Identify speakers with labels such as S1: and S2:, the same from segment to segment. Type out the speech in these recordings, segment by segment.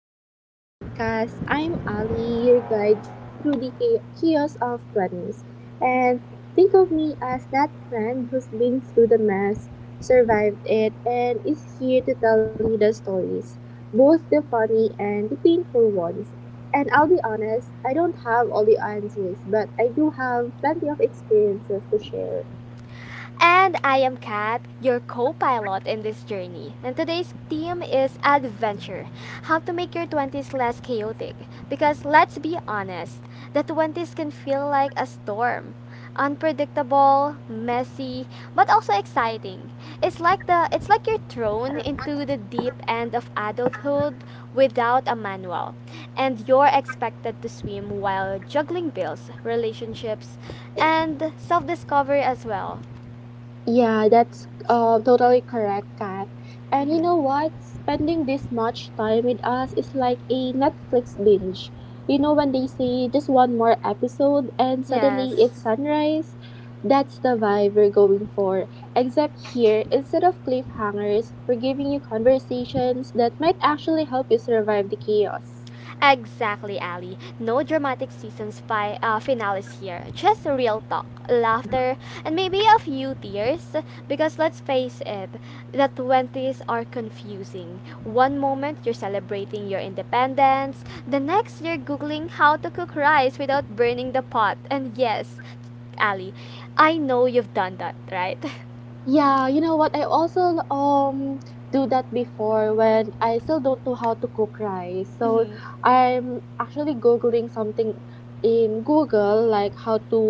S1: adventure podcast. I'm Ali, your guide through the chaos of 20s. And think of me as that friend who's been through the mess, survived it, and is here to tell you the stories, both the funny and the painful ones. And I'll be honest, I don't have all the answers, but I do have plenty of experiences to share.
S2: And I am Kat, your co pilot in this journey. And today's theme is adventure, how to make your 20s less chaotic. Because let's be honest, the 20s can feel like a storm, unpredictable, messy, but also exciting. It's like you're thrown into the deep end of adulthood without a manual, and you're expected to swim while juggling bills, relationships, and self-discovery as well.
S1: Yeah, that's totally correct, Kat. And you
S2: Mhm.
S1: know what? Spending this much time with us is like a Netflix binge. You know, when they say just one more episode and suddenly
S2: Yes,
S1: it's sunrise, that's the vibe we're going for. Except here, instead of cliffhangers, we're giving you conversations that might actually help you survive the chaos.
S2: exactly, Ali. No dramatic finales here. Just real talk, laughter, and maybe a few tears. Because let's face it, the 20s are confusing. One moment you're celebrating your independence, the next you're Googling how to cook rice without burning the pot. And yes, Ali, I know you've done that, right?
S1: Yeah, you know what? I also do that before when I still don't know how to cook rice. So
S2: Mm-hmm.
S1: I'm actually googling something in Google like how to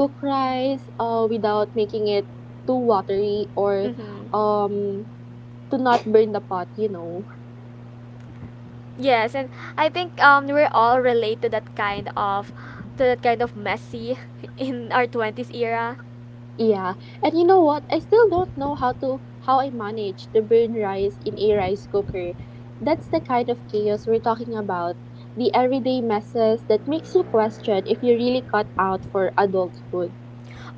S1: cook rice without making it too watery or
S2: Mm-hmm.
S1: um to not burn the pot.
S2: Yes, and I think we're all relate to that kind of to that kind of messy in our 20s era,
S1: Yeah, and you know what? I still don't know how I manage to burn rice in a rice cooker. That's the kind of chaos we're talking about. The everyday messes that makes you question if you really cut out for adulthood.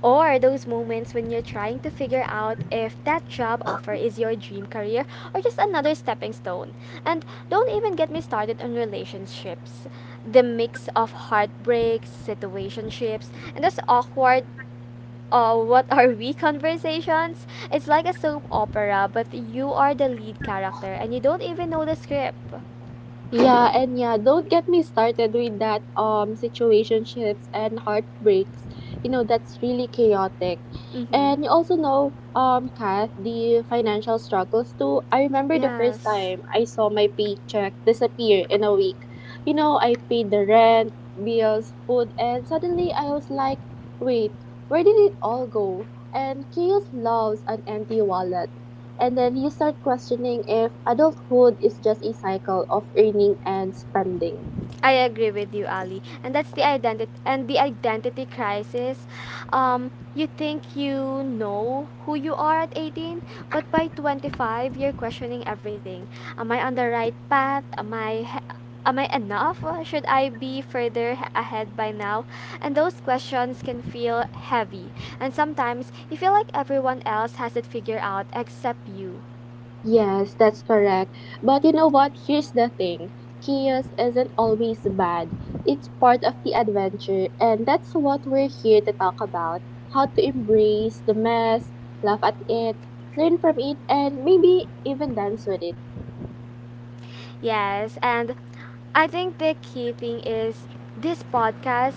S2: or those moments when you're trying to figure out if that job offer is your dream career or just another stepping stone. And don't even get me started on relationships. The mix of heartbreaks, situationships, and those awkward, what are we conversations? It's like a soap opera, but you are the lead character and you don't even know the script.
S1: Yeah, and yeah, don't get me started with that situationships and heartbreaks. You know, that's really chaotic.
S2: Mm-hmm.
S1: And you also know Kath, the financial struggles too. I remember the first
S2: Yes.
S1: time I saw my paycheck disappear in a week. You know, I paid the rent, bills, food, and suddenly I was like, wait, where did it all go? And chaos loves an empty wallet. And then you start questioning if adulthood is just a cycle of earning and spending.
S2: I agree with you, Ali. And that's the identity and the identity crisis. You think you know who you are at 18, but by 25 you're questioning everything. Am I on the right path? Am I enough? Should I be ahead by now? And those questions can feel heavy. And sometimes you feel like everyone else has it figured out except you.
S1: Yes, that's correct. But you know what? Here's the thing chaos isn't always bad, it's part of the adventure, and that's what we're here to talk about how to embrace the mess, laugh at it, learn from it, and maybe even dance with it.
S2: Yes, and I think the key thing is this podcast.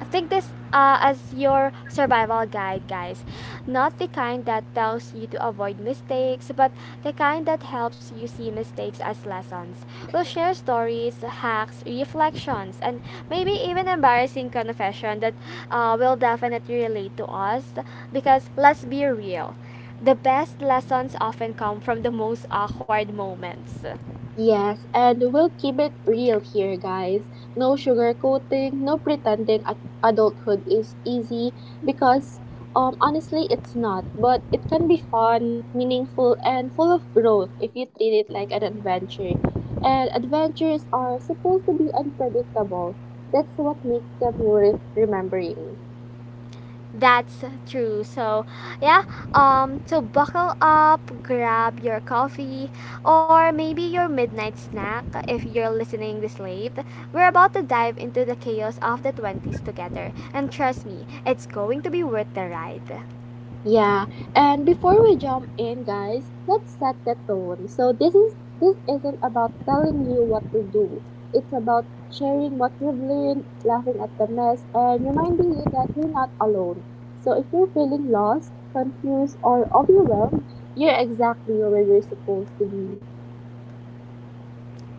S2: I think this, as your survival guide, guys. Not the kind that tells you to avoid mistakes, but the kind that helps you see mistakes as lessons. We'll share stories, hacks, reflections, and maybe even embarrassing confession that, will definitely relate to us. Because let's be real, the best lessons often come from the most awkward moments.
S1: Yes, and we'll keep it real here, guys. No sugarcoating, no pretending adulthood is easy because honestly, it's not. But it can be fun, meaningful, and full of growth if you treat it like an adventure. And adventures are supposed to be unpredictable. That's what makes them worth remembering.
S2: That's true. So, yeah, so buckle up, grab your coffee, or maybe your midnight snack if you're listening this late. We're about to dive into the chaos of the 20s together, and trust me, it's going to be worth the ride.
S1: Yeah, and before we jump in, guys, let's set the tone. So this isn't about telling you what to do. It's about sharing what we've learned, laughing at the mess, and reminding you that you're not alone. So if you're feeling lost, confused, or overwhelmed, you're exactly where you're supposed to be.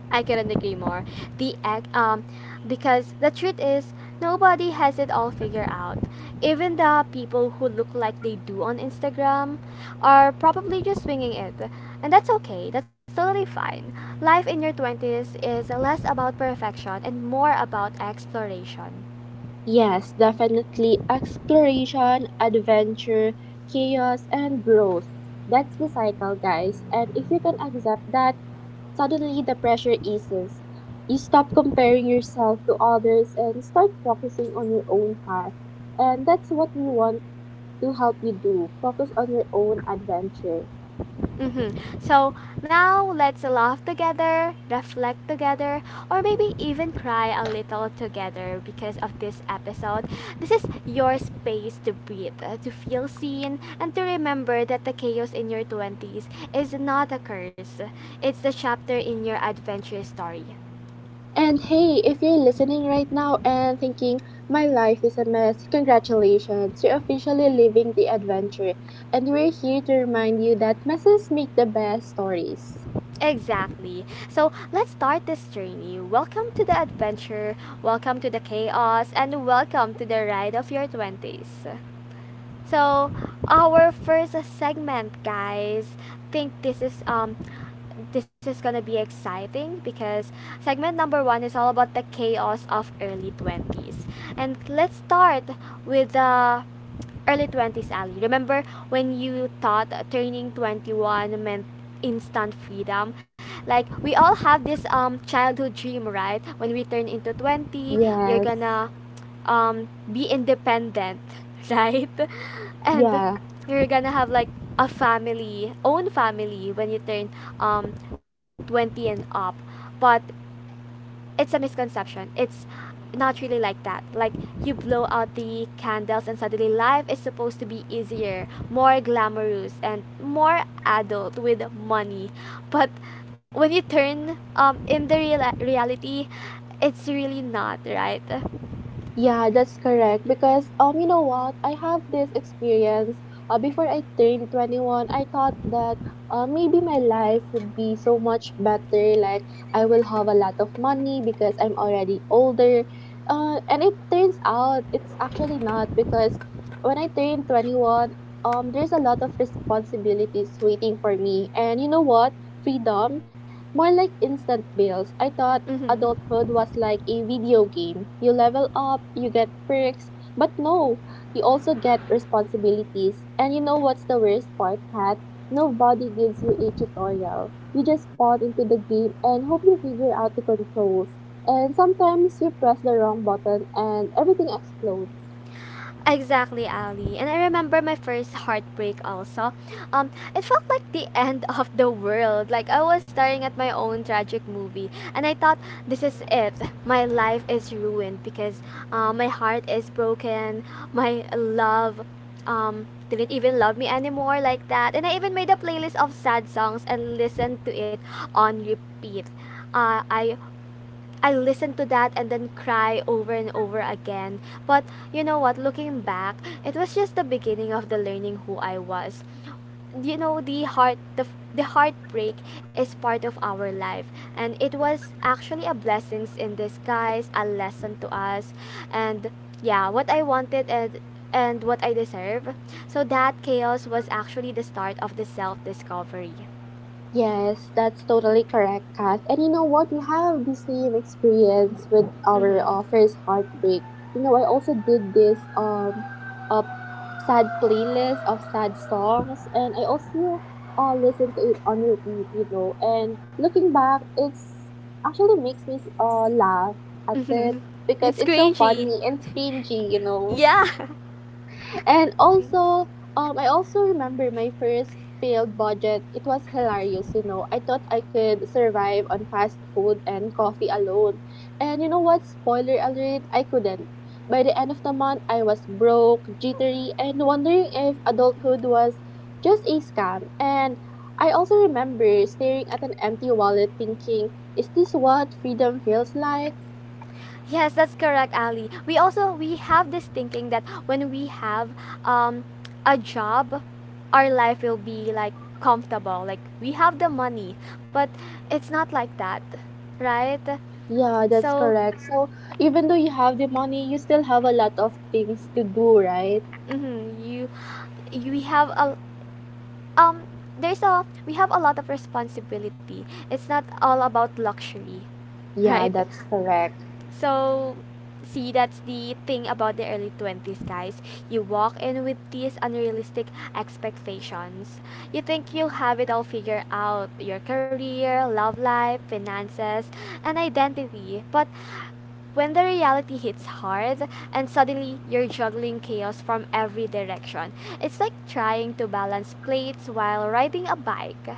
S2: I couldn't agree more. The act, um, because the truth is, nobody has it all figured out. Even the people who look like they do on Instagram are probably just swinging it, and that's okay. That's totally fine. Life in your twenties is less about perfection and more about exploration.
S1: Yes, definitely exploration, adventure, chaos, and growth. That's the cycle, guys. And if you can accept that, suddenly, the pressure eases. You stop comparing yourself to others and start focusing on your own path. And that's what we want to help you do focus on your own adventure.
S2: Mm-hmm. So now let's laugh together, reflect together, or maybe even cry a little together because of this episode. This is your space to breathe, to feel seen, and to remember that the chaos in your 20s is not a curse, it's the chapter in your adventure story.
S1: And hey, if you're listening right now and thinking, my life is a mess, congratulations, you're officially living the adventure. And we're here to remind you that messes make the best stories.
S2: Exactly. So let's start this journey. Welcome to the adventure, welcome to the chaos, and welcome to the ride of your 20s. So, our first segment, guys. Think this is gonna be exciting because segment number one is all about the chaos of early 20s. And let's start with the early 20s, Ali. Remember when you thought turning 21 meant instant freedom? Like, we all have this childhood dream, right? When we turn into 20, you're
S1: Yes.
S2: gonna be independent, right? And
S1: Yeah.
S2: you're gonna have like a family, own family when you turn um 20 and up. But it's a misconception. It's not really like that. Like you blow out the candles and suddenly life is supposed to be easier, more glamorous and more adult with money. But when you turn in the real reality, it's really not, right?
S1: Yeah, that's correct. Because you know what? I have this experience. Before I turned 21, I thought that maybe my life would be so much better. Like I will have a lot of money because I'm already older. And it turns out it's actually not because when I turned 21, there's a lot of responsibilities waiting for me. And you know what? Freedom, more like instant bills. I thought
S2: Mhm.
S1: adulthood was like a video game. You level up, you get perks, but no, you also get responsibilities. And you know what's the worst part, Kat? Nobody gives you a tutorial. You just spawn into the game and hope you figure out the controls. And sometimes you press the wrong button and everything explodes.
S2: Exactly, Ali. And I remember my first heartbreak also. It felt like the end of the world. Like I was staring at my own tragic movie, and I thought, "This is it. My life is ruined because, my heart is broken. My love, um, didn't even love me anymore like that." And I even made a playlist of sad songs and listened to it on repeat. Uh, I I listen to that and then cry over and over again. But you know what? Looking back, it was just the beginning of the learning who I was. You know, the heartbreak is part of our life, and it was actually a blessings in disguise, a lesson to us, and yeah, what I wanted and what I deserve. So that chaos was actually the start of the self discovery.
S1: Yes, that's totally correct, Kath. And you know what? We have the same experience with our
S2: Hmm.
S1: first heartbreak. You know, I also did this a sad playlist of sad songs, and I also listened to it on repeat. You know, and looking back, it's actually makes me laugh at it because
S2: It's
S1: it's so
S2: cringy.
S1: funny and cringy. You know
S2: Yeah.
S1: and
S2: Thank you.
S1: also, I also remember my first failed budget. It was hilarious, you know. I thought I could survive on fast food and coffee alone. And you know what? Spoiler alert, I couldn't. By the end of the month, I was broke, jittery, and wondering if adulthood was just a scam. And I also remember staring at an empty wallet thinking, is this what freedom feels like?
S2: Yes, that's correct, Ali. We have this thinking that when we have um, a job, our life will be like comfortable. Like we have the money, but it's not like that, right?
S1: Yeah, that's
S2: So
S1: correct. So even though you have the money, you still have a lot of things to do, right?
S2: mm-hmm, you we have a um there's a we have a lot of responsibility. It's not all about luxury,
S1: Yeah,
S2: right?
S1: that's correct.
S2: So, see, that's the thing about the early 20s, guys. You walk in with these unrealistic expectations. You think you'll have it all figured out, your career, love life, finances, and identity. But when the reality hits hard and suddenly you're juggling chaos from every direction, it's like trying to balance plates while riding a bike.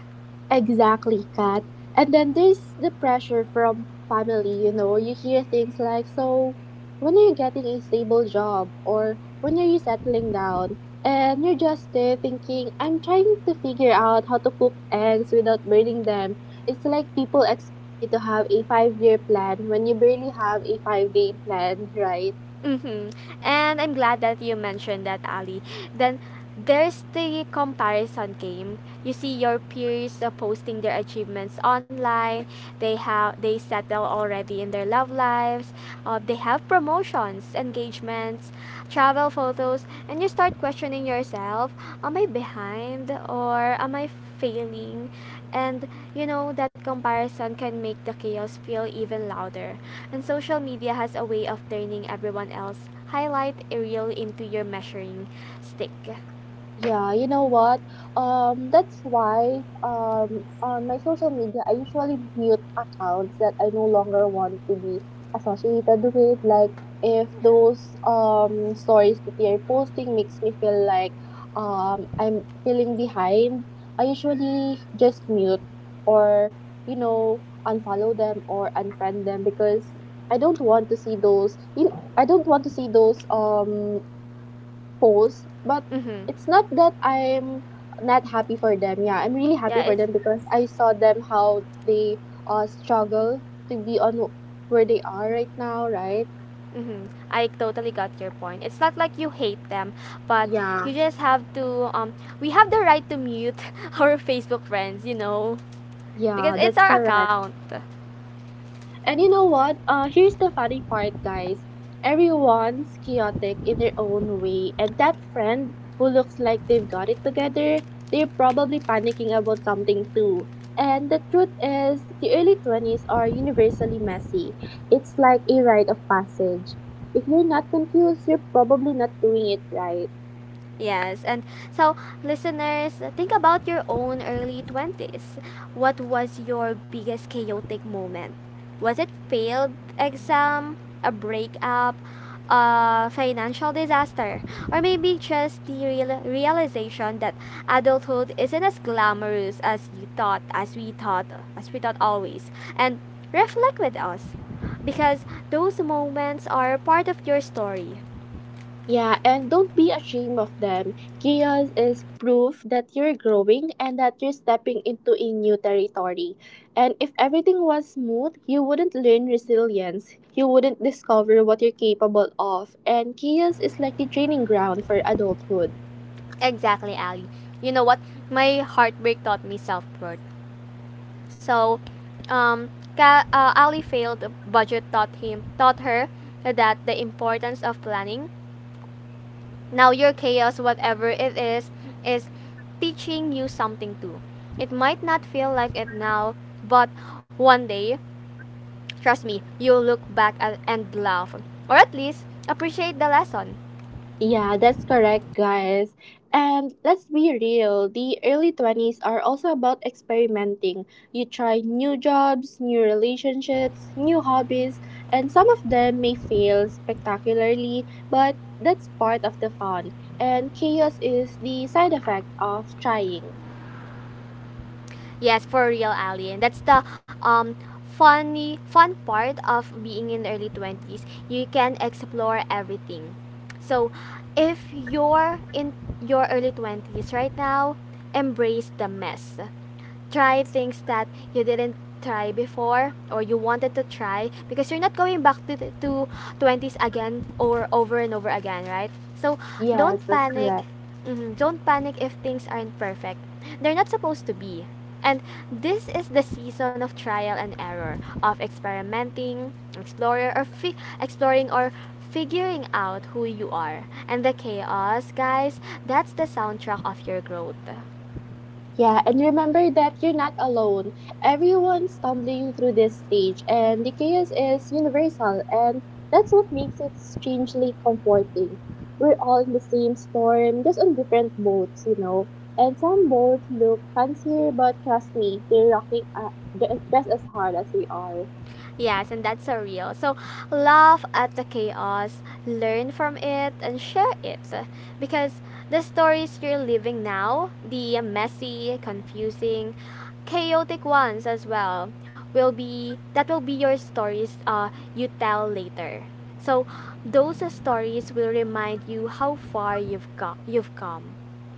S1: Exactly, Kat. And then there's the pressure from family, you know. You hear things like, so when are you getting a stable job? Or when are you settling down? And you're just there thinking, I'm trying to figure out how to cook eggs without burning them. It's like people expect you to have a 5 year plan when you barely have a 5 day plan, right?
S2: Mhm, and I'm glad that you mentioned that, Ali. Then there's the comparison game. You see your peers, posting their achievements online, they settle already in their love lives, they have promotions, engagements, travel photos, and you start questioning yourself, am I behind or am I failing? And you know that comparison can make the chaos feel even louder, and social media has a way of turning everyone else highlight a reel into your measuring stick.
S1: Yeah, you know what? That's why on my social media, I usually mute accounts that I no longer want to be associated with. Like, if those stories that they're posting makes me feel like I'm feeling behind, I usually just mute or, you know, unfollow them or unfriend them because I don't want to see those, you know, I don't want to see those post, but
S2: Mm-hmm.
S1: it's not that I'm not happy for them. Yeah, I'm really
S2: yeah
S1: happy for
S2: it's
S1: them because I saw them how they struggle to be on where they are right now, right?
S2: Mm-hmm. I totally got your point. It's not like you hate them, but
S1: Yeah.
S2: you just have to. We have the right to mute our Facebook friends, you know, because
S1: Yeah,
S2: it's
S1: that's
S2: our
S1: correct.
S2: account.
S1: And you know what? Here's the funny part, guys. Everyone's chaotic in their own way, and that friend who looks like they've got it together, they're probably panicking about something too. And the truth is, the early 20s are universally messy. It's like a rite of passage. If you're not confused, you're probably not doing it right.
S2: Yes, and so listeners, think about your own early 20s. What was your biggest chaotic moment? Was it failed exam, a breakup, a financial disaster, or maybe just the realization that adulthood isn't as glamorous as you thought, as we thought always? And reflect with us because those moments are part of your story.
S1: Yeah, and don't be ashamed of them. Chaos is proof that you're growing and that you're stepping into a new territory. And if everything was smooth, you wouldn't learn resilience. You wouldn't discover what you're capable of. And chaos is like the training ground for adulthood.
S2: Exactly, Ali. You know what? My heartbreak taught me self worth. So, um, Ali failed budget taught her that the importance of planning. Now your chaos, whatever it is teaching you something too. It might not feel like it now, but one day, trust me, you'll look back at, and laugh, or at least appreciate the lesson.
S1: Yeah, that's correct, guys. And let's be real, the early 20s are also about experimenting. You try new jobs, new relationships, new hobbies, and some of them may fail spectacularly, but that's part of the fun. And chaos is the side effect of trying.
S2: Yes, for real, Ali. And that's the um fun part of being in early 20s. You can explore everything. So, if you're in your early 20s right now, embrace the mess, try things that you didn't try before or you wanted to try, because you're not going back to, to 20s again or over and over again, right? So don't
S1: Yes, that's
S2: panic.
S1: correct.
S2: Mhm, don't panic if things aren't perfect, they're not supposed to be. And this is the season of trial and error, of experimenting explorer or fi- exploring or figuring out who you are, and the chaos, guys, that's the soundtrack of your growth.
S1: Yeah, and remember that you're not alone. Everyone's stumbling through this stage, and the chaos is universal, and that's what makes it strangely comforting. We're all in the same storm, just on different boats, you know. And some boats look fancier, but trust me, they're rocking just as hard as we are.
S2: Yes, and that's so real. So laugh at the chaos, learn from it, and share it. Because the stories you're living now, the messy, confusing, chaotic ones as well, will be your stories, you tell later. So those stories will remind you how far you've come.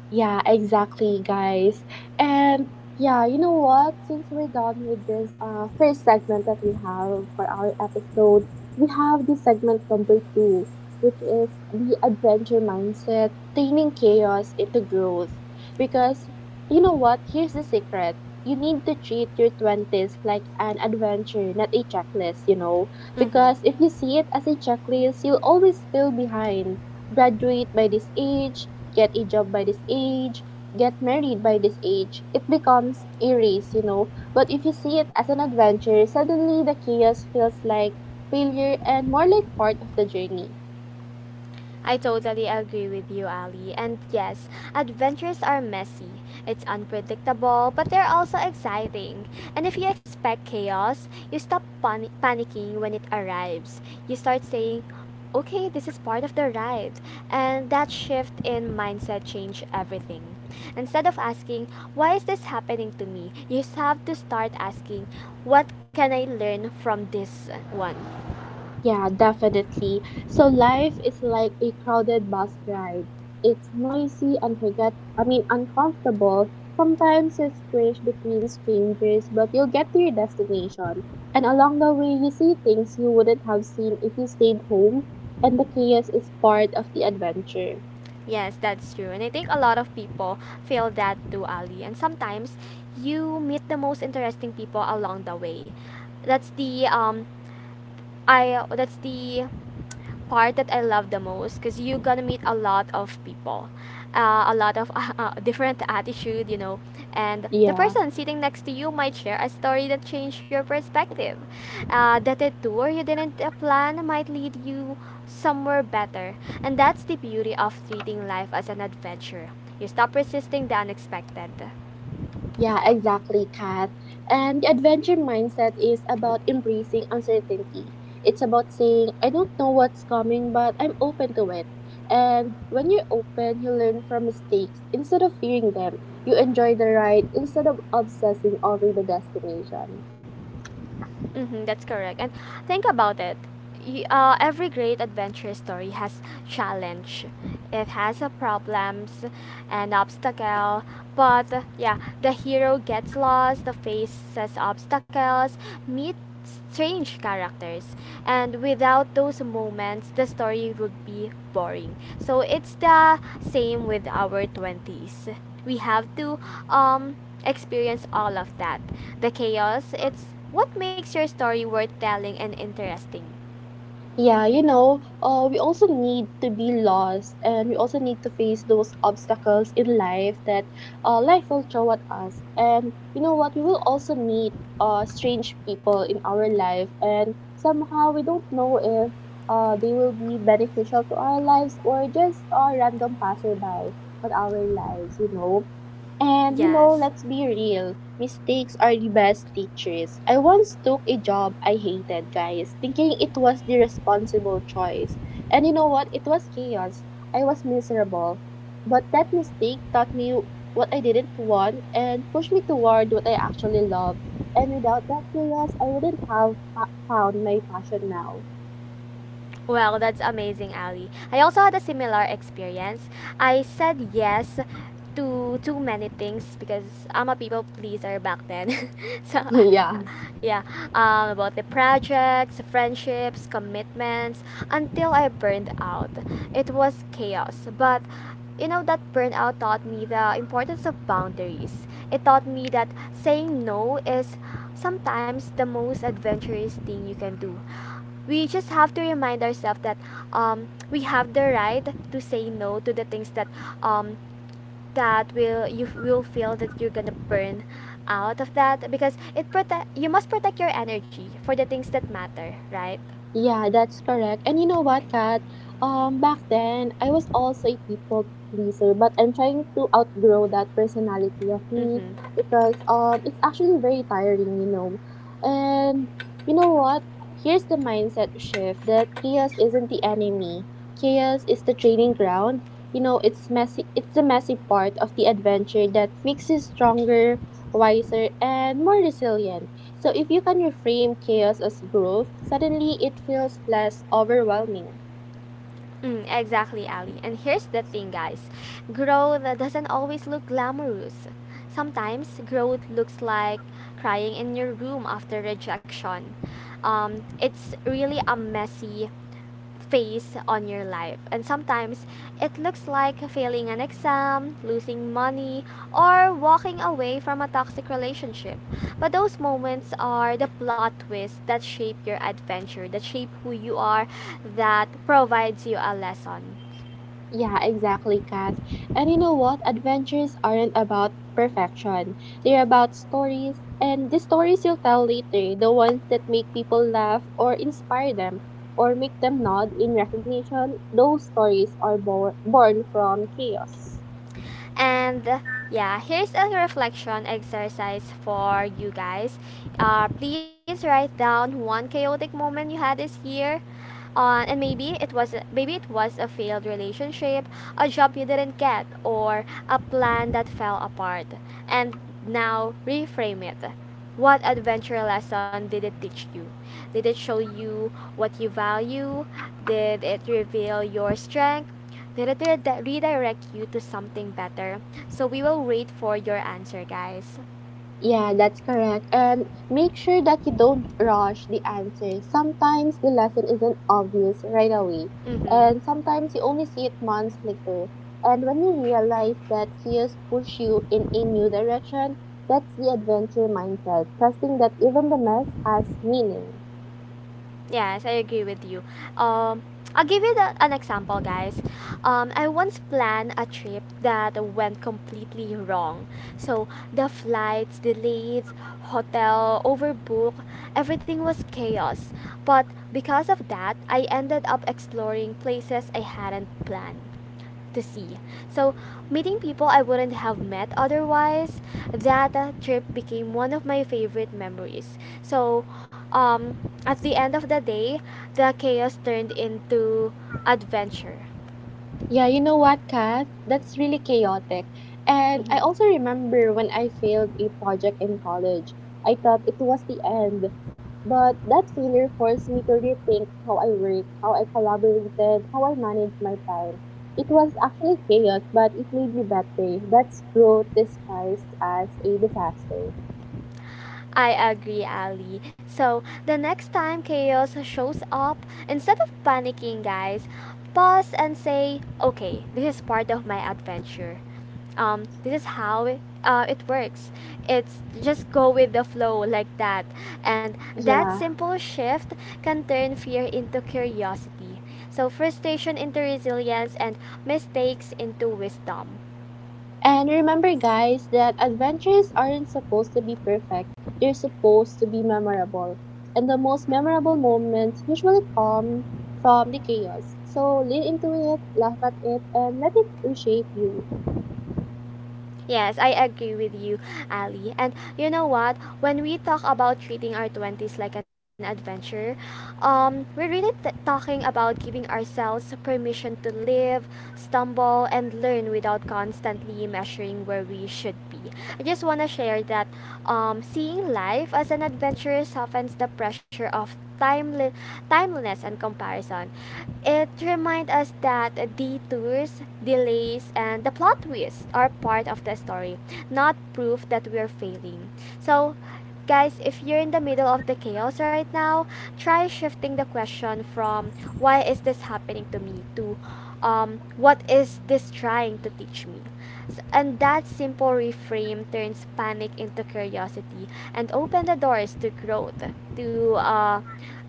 S1: Yeah, exactly, guys. And yeah, you know what? Since we're done with this first segment that we have for our episode, we have the segment number 2, which is the adventure mindset, turning chaos into growth. Because you know what? Here's the secret. You need to treat your 20s like an adventure, not a checklist, you know?
S2: Mm-hmm.
S1: Because if you see it as a checklist, you'll always feel behind. Graduate by this age, get a job by this age, get married by this age. It becomes a race, you know. But if you see it as an adventure, suddenly the chaos feels like failure and more like part of the journey.
S2: I totally agree with you, Ali. And yes, adventures are messy. It's unpredictable, but they're also exciting. And if you expect chaos, you stop panicking when it arrives. You start saying, okay, this is part of the ride. And that shift in mindset changed everything. Instead of asking, why is this happening to me? You have to start asking, what can I learn from this one?
S1: Yeah, definitely. So life is like a crowded bus ride. It's noisy, unforget I mean uncomfortable. Sometimes you squish between strangers, but you'll get to your destination. And along the way you see things you wouldn't have seen if you stayed home and the chaos is part of the adventure.
S2: Yes, that's true. And I think a lot of people feel that too, Ali. And sometimes you meet the most interesting people along the way. That's the I that's the part that I love the most, because you're gonna meet a lot of people, a lot of different attitude, you know, and the
S1: Yeah.
S2: person sitting next to you might share a story that changed your perspective. That a tour you didn't, plan might lead you somewhere better, and that's the beauty of treating life as an adventure. You stop resisting the unexpected.
S1: Yeah, exactly, Kat. And the adventure mindset is about embracing uncertainty. It's about saying, I don't know what's coming, but I'm open to it. And when you're open, you learn from mistakes instead of fearing them. You enjoy the ride instead of obsessing over the destination.
S2: Mm-hmm, that's correct. And think about it. Every great adventure story has challenge. It has a problems and obstacle. But yeah, the hero gets lost, the faces obstacles, meet strange characters. And without those moments, the story would be boring. So it's the same with our 20s. We have to um, experience all of that. The chaos, it's what makes your story worth telling and interesting.
S1: Yeah, you know, we also need to be lost and we also need to face those obstacles in life that life will throw at us. And you know what? We will also meet strange people in our life, and somehow we don't know if they will be beneficial to our lives or just a random passerby on our lives, you know. And you know,
S2: Yes.
S1: let's be real. Mistakes are the best teachers. I once took a job I hated, guys, thinking it was the responsible choice. And you know what? It was chaos. I was miserable. But that mistake taught me what I didn't want and pushed me toward what I actually love. And without that chaos, I wouldn't have found my passion now.
S2: Well, that's amazing, Ali. I also had a similar experience. I said yes to too many things because I'm a people pleaser back then. so,
S1: yeah.
S2: yeah, about the projects, friendships, commitments, until I burned out. It was chaos, but you know that burnout taught me the importance of boundaries. It taught me that saying no is sometimes the most adventurous thing you can do. We just have to remind ourselves that we have the right to say no to the things that um, that will you will feel that you're gonna burn out of that, because it protect you must protect your energy for the things that matter, right?
S1: Yeah, that's correct. And you know what, Kat? Back then, I was also a people pleaser, but I'm trying to outgrow that personality of me
S2: Mm-hmm.
S1: because it's actually very tiring, you know. And you know what? Here's the mindset shift that chaos isn't the enemy. Chaos is the training ground. You know, it's messy. It's the messy part of the adventure that makes you stronger, wiser, and more resilient. So if you can reframe chaos as growth, suddenly it feels less overwhelming.
S2: Mm, exactly, Ali, and here's the thing, guys, growth doesn't always look glamorous. Sometimes growth looks like crying in your room after rejection. um, it's really a messy face on your life. And sometimes it looks like failing an exam, losing money, or walking away from a toxic relationship. But those moments are the plot twists that shape your adventure, that shape who you are, that provides you a lesson.
S1: Yeah, exactly, Kath. And you know what? Adventures aren't about perfection. They're about stories, and the stories you'll tell later, the ones that make people laugh or inspire them or make them nod in recognition, those stories are born from chaos.
S2: And yeah, here's a reflection exercise for you guys. Please write down one chaotic moment you had this year, and maybe it was a failed relationship, a job you didn't get, or a plan that fell apart, and now reframe it. What adventure lesson did it teach you? Did it show you what you value? Did it reveal your strength? Did it redirect you to something better? So we will wait for your answer, guys.
S1: Yeah, that's correct. And make sure that you don't rush the answer. Sometimes the lesson isn't obvious right away,
S2: Mm-hmm.
S1: and sometimes you only see it months later. And when you realize that chaos push you in a new direction, that's the adventure mindset, trusting that even the mess has meaning.
S2: Yes, I agree with you. Um, I'll give you an example, guys. I once planned a trip that went completely wrong. So the flights delayed, hotel overbooked, everything was chaos. But because of that, I ended up exploring places I hadn't planned to see. So, meeting people I wouldn't have met otherwise, that trip became one of my favorite memories. So, um, at the end of the day, the chaos turned into adventure.
S1: Yeah, you know what, Kath? That's really chaotic. And I
S2: Hmm.
S1: also remember when I failed a project in college, I thought it was the end. But that failure forced me to rethink how I work, how I collaborated, how I managed my time. It was actually chaos, but it made me better. That's growth disguised as a disaster.
S2: I agree, Ali. So, the next time chaos shows up, instead of panicking, guys, pause and say, okay, this is part of my adventure. This is how it, It works. It's just go with the flow like that. And that
S1: Yeah.
S2: simple shift can turn fear into curiosity. So, frustration into resilience, and mistakes into wisdom.
S1: And remember, guys, that adventures aren't supposed to be perfect, they're supposed to be memorable. And the most memorable moments usually come from the chaos. So lean into it, laugh at it, and let it reshape you.
S2: Yes, I agree with you, Ali. And you know what? When we talk about treating our 20s like an adventure, we're really talking about giving ourselves permission to live, stumble, and learn without constantly measuring where we should be. I just want to share that seeing life as an adventure softens the pressure of timeliness and comparison. It reminds us that detours, delays, and the plot twists are part of the story, not proof that we're failing. So, guys, if you're in the middle of the chaos right now, try shifting the question from, why is this happening to me, to, what is this trying to teach me? And that simple reframe turns panic into curiosity, and open the doors to growth, to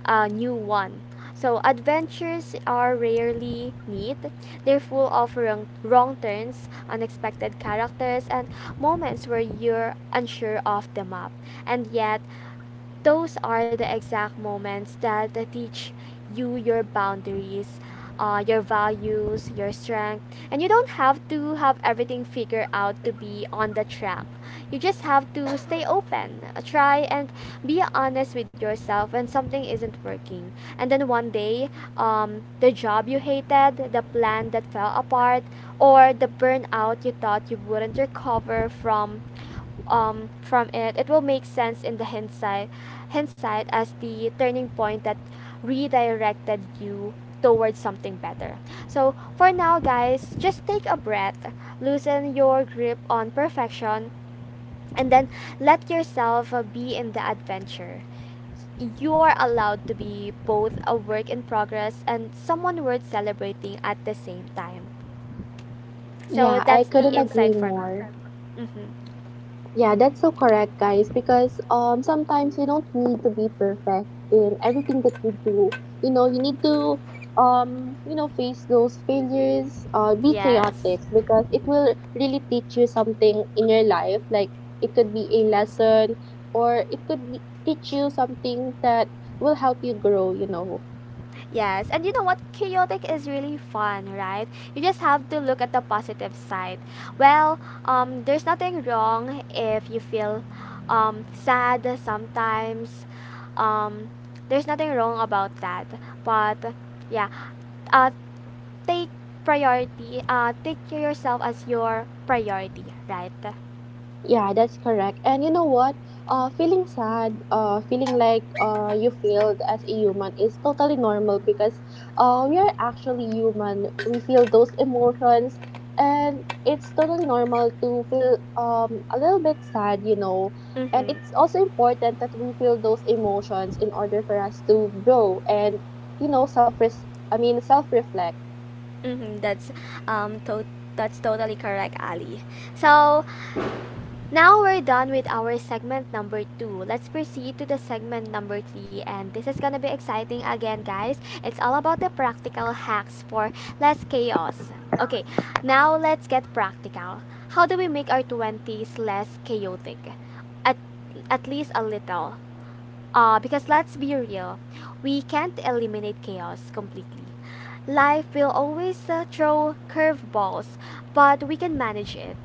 S2: a new one. So adventures are rarely neat. They're full of wrong turns, unexpected characters, and moments where you're unsure of the map. And yet, those are the exact moments that teach you your boundaries, your values, your strength. And you don't have to have everything figured out to be on the track. You just have to stay open, try, and be honest with yourself when something isn't working. And then one day, the job you hated, the plan that fell apart, or the burnout you thought you wouldn't recover from, it will make sense in the hindsight as the turning point that redirected you towards something better. So for now, guys, just take a breath, loosen your grip on perfection, and then let yourself be in the adventure. You are allowed to be both a work in progress and someone worth celebrating at the same time. So
S1: Yeah, I
S2: that's the
S1: couldn't agree
S2: insight for me.
S1: more.
S2: Hmm.
S1: Yeah, that's so correct, guys, because sometimes you don't need to be perfect in everything that you do. You know, you need to you know face those failures, be
S2: Yes.
S1: chaotic because it will really teach you something in your life. Like it could be a lesson or it could be, teach you something that will help you grow, you know.
S2: Yes, and you know what? Chaotic is really fun, right? You just have to look at the positive side. Well, there's nothing wrong if you feel sad sometimes. Um, there's nothing wrong about that. But yeah, uh, take priority. Take yourself as your priority, right?
S1: Yeah, that's correct. And you know what? Feeling sad, feeling like you failed as a human is totally normal because we are actually human. We feel those emotions, and it's totally normal to feel a little bit sad, you know. And
S2: Mm-hmm.
S1: it's also important that we feel those emotions in order for us to grow and, you know, I mean, self reflect.
S2: Mm-hmm. That's um to- that's totally correct, Ali. So now we're done with our segment number two. Let's proceed to the segment number three, and this is gonna be exciting again, guys. It's all about the practical hacks for less chaos. Okay, now let's get practical. How do we make our 20s less chaotic? At, at least a little. Because let's be real, we can't eliminate chaos completely. Life will always throw curveballs, but we can manage it,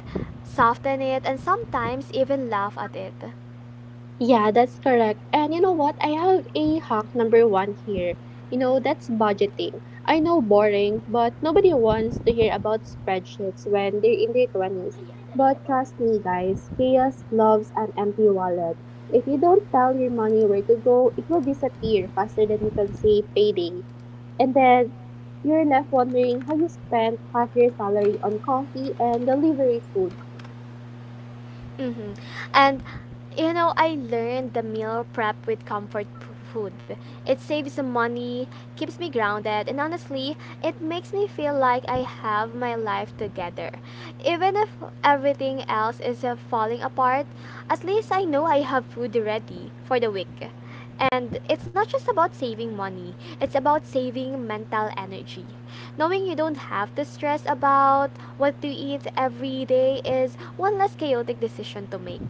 S2: soften it, and sometimes even laugh at it.
S1: Yeah, that's correct. And you know what? I have a hack number one here. You know, that's budgeting. I know boring, but nobody wants to hear about spreadsheets when they're in their 20s. But trust me, guys, chaos loves an empty wallet. If you don't tell your money where to go, it will disappear faster than you can say payday. And then you're left wondering how you spent half your salary on coffee and delivery food.
S2: Mm-hmm. And you know, I learned the meal prep with comfort food. It saves some money, keeps me grounded, and honestly, it makes me feel like I have my life together. Even if everything else is falling apart, at least I know I have food ready for the week. And it's not just about saving money, it's about saving mental energy. Knowing you don't have to stress about what to eat every day is one less chaotic decision to make.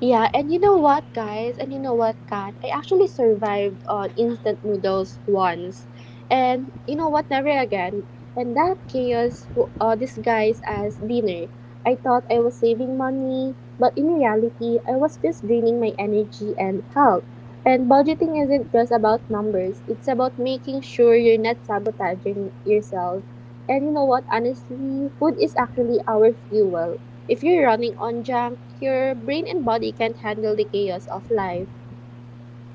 S1: Yeah, and you know what, guys? And you know what, Kat? I actually survived on instant noodles once. And you know what? Never again. And that chaos disguised as dinner. I thought I was saving money, but in reality, I was just draining my energy and health. And budgeting isn't just about numbers, it's about making sure you're not sabotaging yourself. And you know what? Honestly, food is actually our fuel. If you're running on junk, your brain and body can't handle the chaos of life.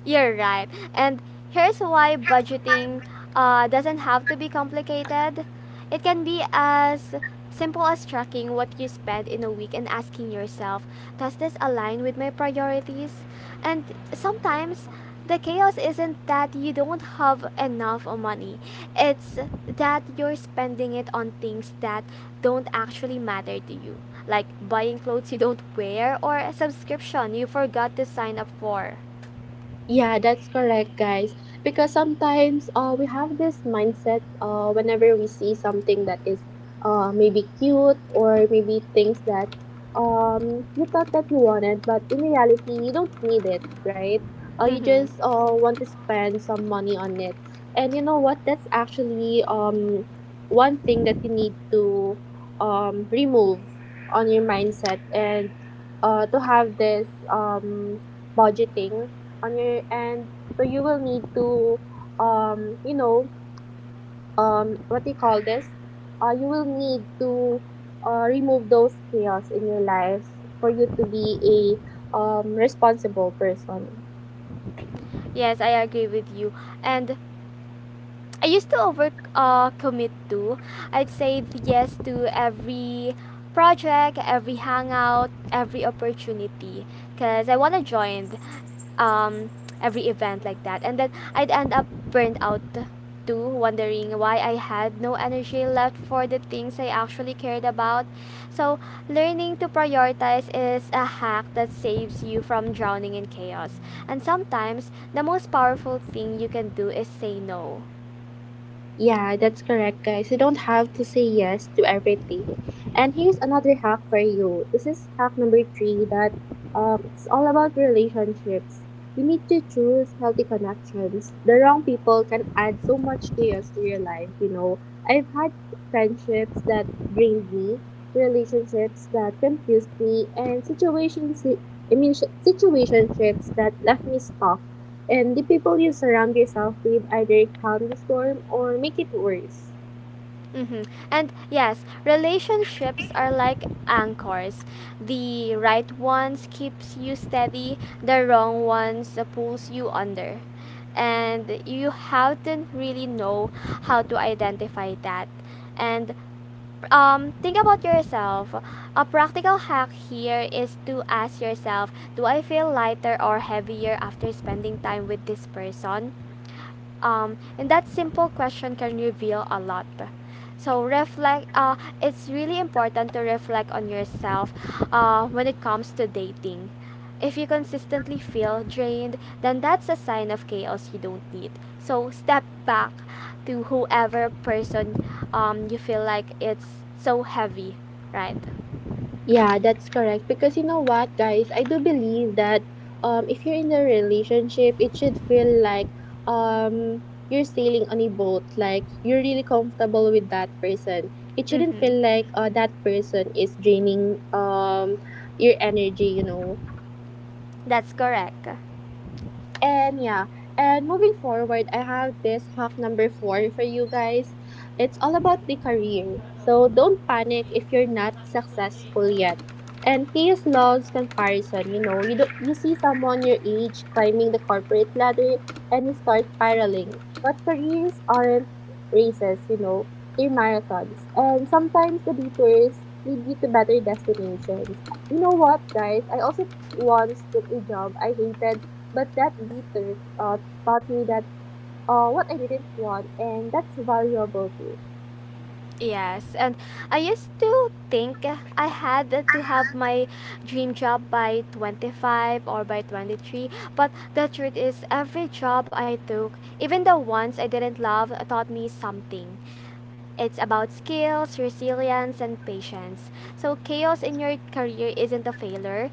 S2: You're right. And here's why budgeting doesn't have to be complicated. It can be as simple as tracking what you spend in a week and asking yourself, does this align with my priorities? And sometimes the chaos isn't that you don't have enough money, it's that you're spending it on things that don't actually matter to you, like buying clothes you don't wear or a subscription you forgot to sign up for.
S1: Yeah, that's correct, guys. Because sometimes we have this mindset whenever we see something that is maybe cute or maybe things that you thought that you wanted, but in reality, you don't need it, right? You just
S2: Mm-hmm.
S1: want to spend some money on it. And you know what? That's actually one thing that you need to remove on your mindset and to have this budgeting on your end. So you will need to, you know, what do you call this? You will need to remove those chaos in your life for you to be a responsible person.
S2: Yes, I agree with you. And I used to over commit to. I'd say yes to every project, every hangout, every opportunity because I want to join um, every event like that. And then I'd end up burned out too, wondering why I had no energy left for the things I actually cared about. So, learning to prioritize is a hack that saves you from drowning in chaos. And sometimes, the most powerful thing you can do is say no.
S1: Yeah, that's correct, guys. You don't have to say yes to everything. And here's another hack for you. This is hack number three that it's all about relationships. You need to choose healthy connections. The wrong people can add so much chaos to your life, you know. I've had friendships that drained me, relationships that confused me, and situations, I mean, situationships that left me stuck and the people you surround yourself with either calm the storm or make it worse.
S2: Mm-hmm. And yes, relationships are like anchors. The right ones keeps you steady, the wrong ones pulls you under. And you haven't really know how to identify that. And think about yourself. A practical hack here is to ask yourself, do I feel lighter or heavier after spending time with this person? And that simple question can reveal a lot. So reflect, it's really important to reflect on yourself when it comes to dating. If you consistently feel drained, then that's a sign of chaos you don't need. So step back to whoever person you feel like it's so heavy, right?
S1: Yeah, that's correct. Because you know what, guys, I do believe that if you're in a relationship, it should feel like um, you're sailing on a boat. Like you're really comfortable with that person. It shouldn't
S2: Mm-hmm.
S1: feel like that person is draining your energy. You know,
S2: That's correct.
S1: and yeah, and moving forward, I have this hack number four for you guys. It's all about the career. So don't panic if you're not successful yet. And chaos loves comparison. You know, you do, not you see someone your age climbing the corporate ladder, and you start spiraling. But careers aren't races. You know, they're marathons, and sometimes the detours lead you to better destinations. You know what, guys? I also once took a job I hated but that detour taught me that what I didn't want, and that's valuable too.
S2: Yes, and I used to think I had to have my dream job by 25 or by 23, but the truth is, every job I took, even the ones I didn't love, taught me something. It's about skills, resilience, and patience. So, chaos in your career isn't a failure.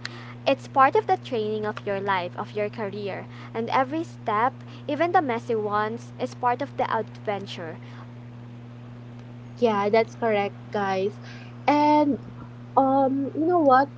S2: It's part of the training of your life, of your career. And every step, even the messy ones, is part of the adventure.
S1: Yeah, that's correct, guys. And you know what?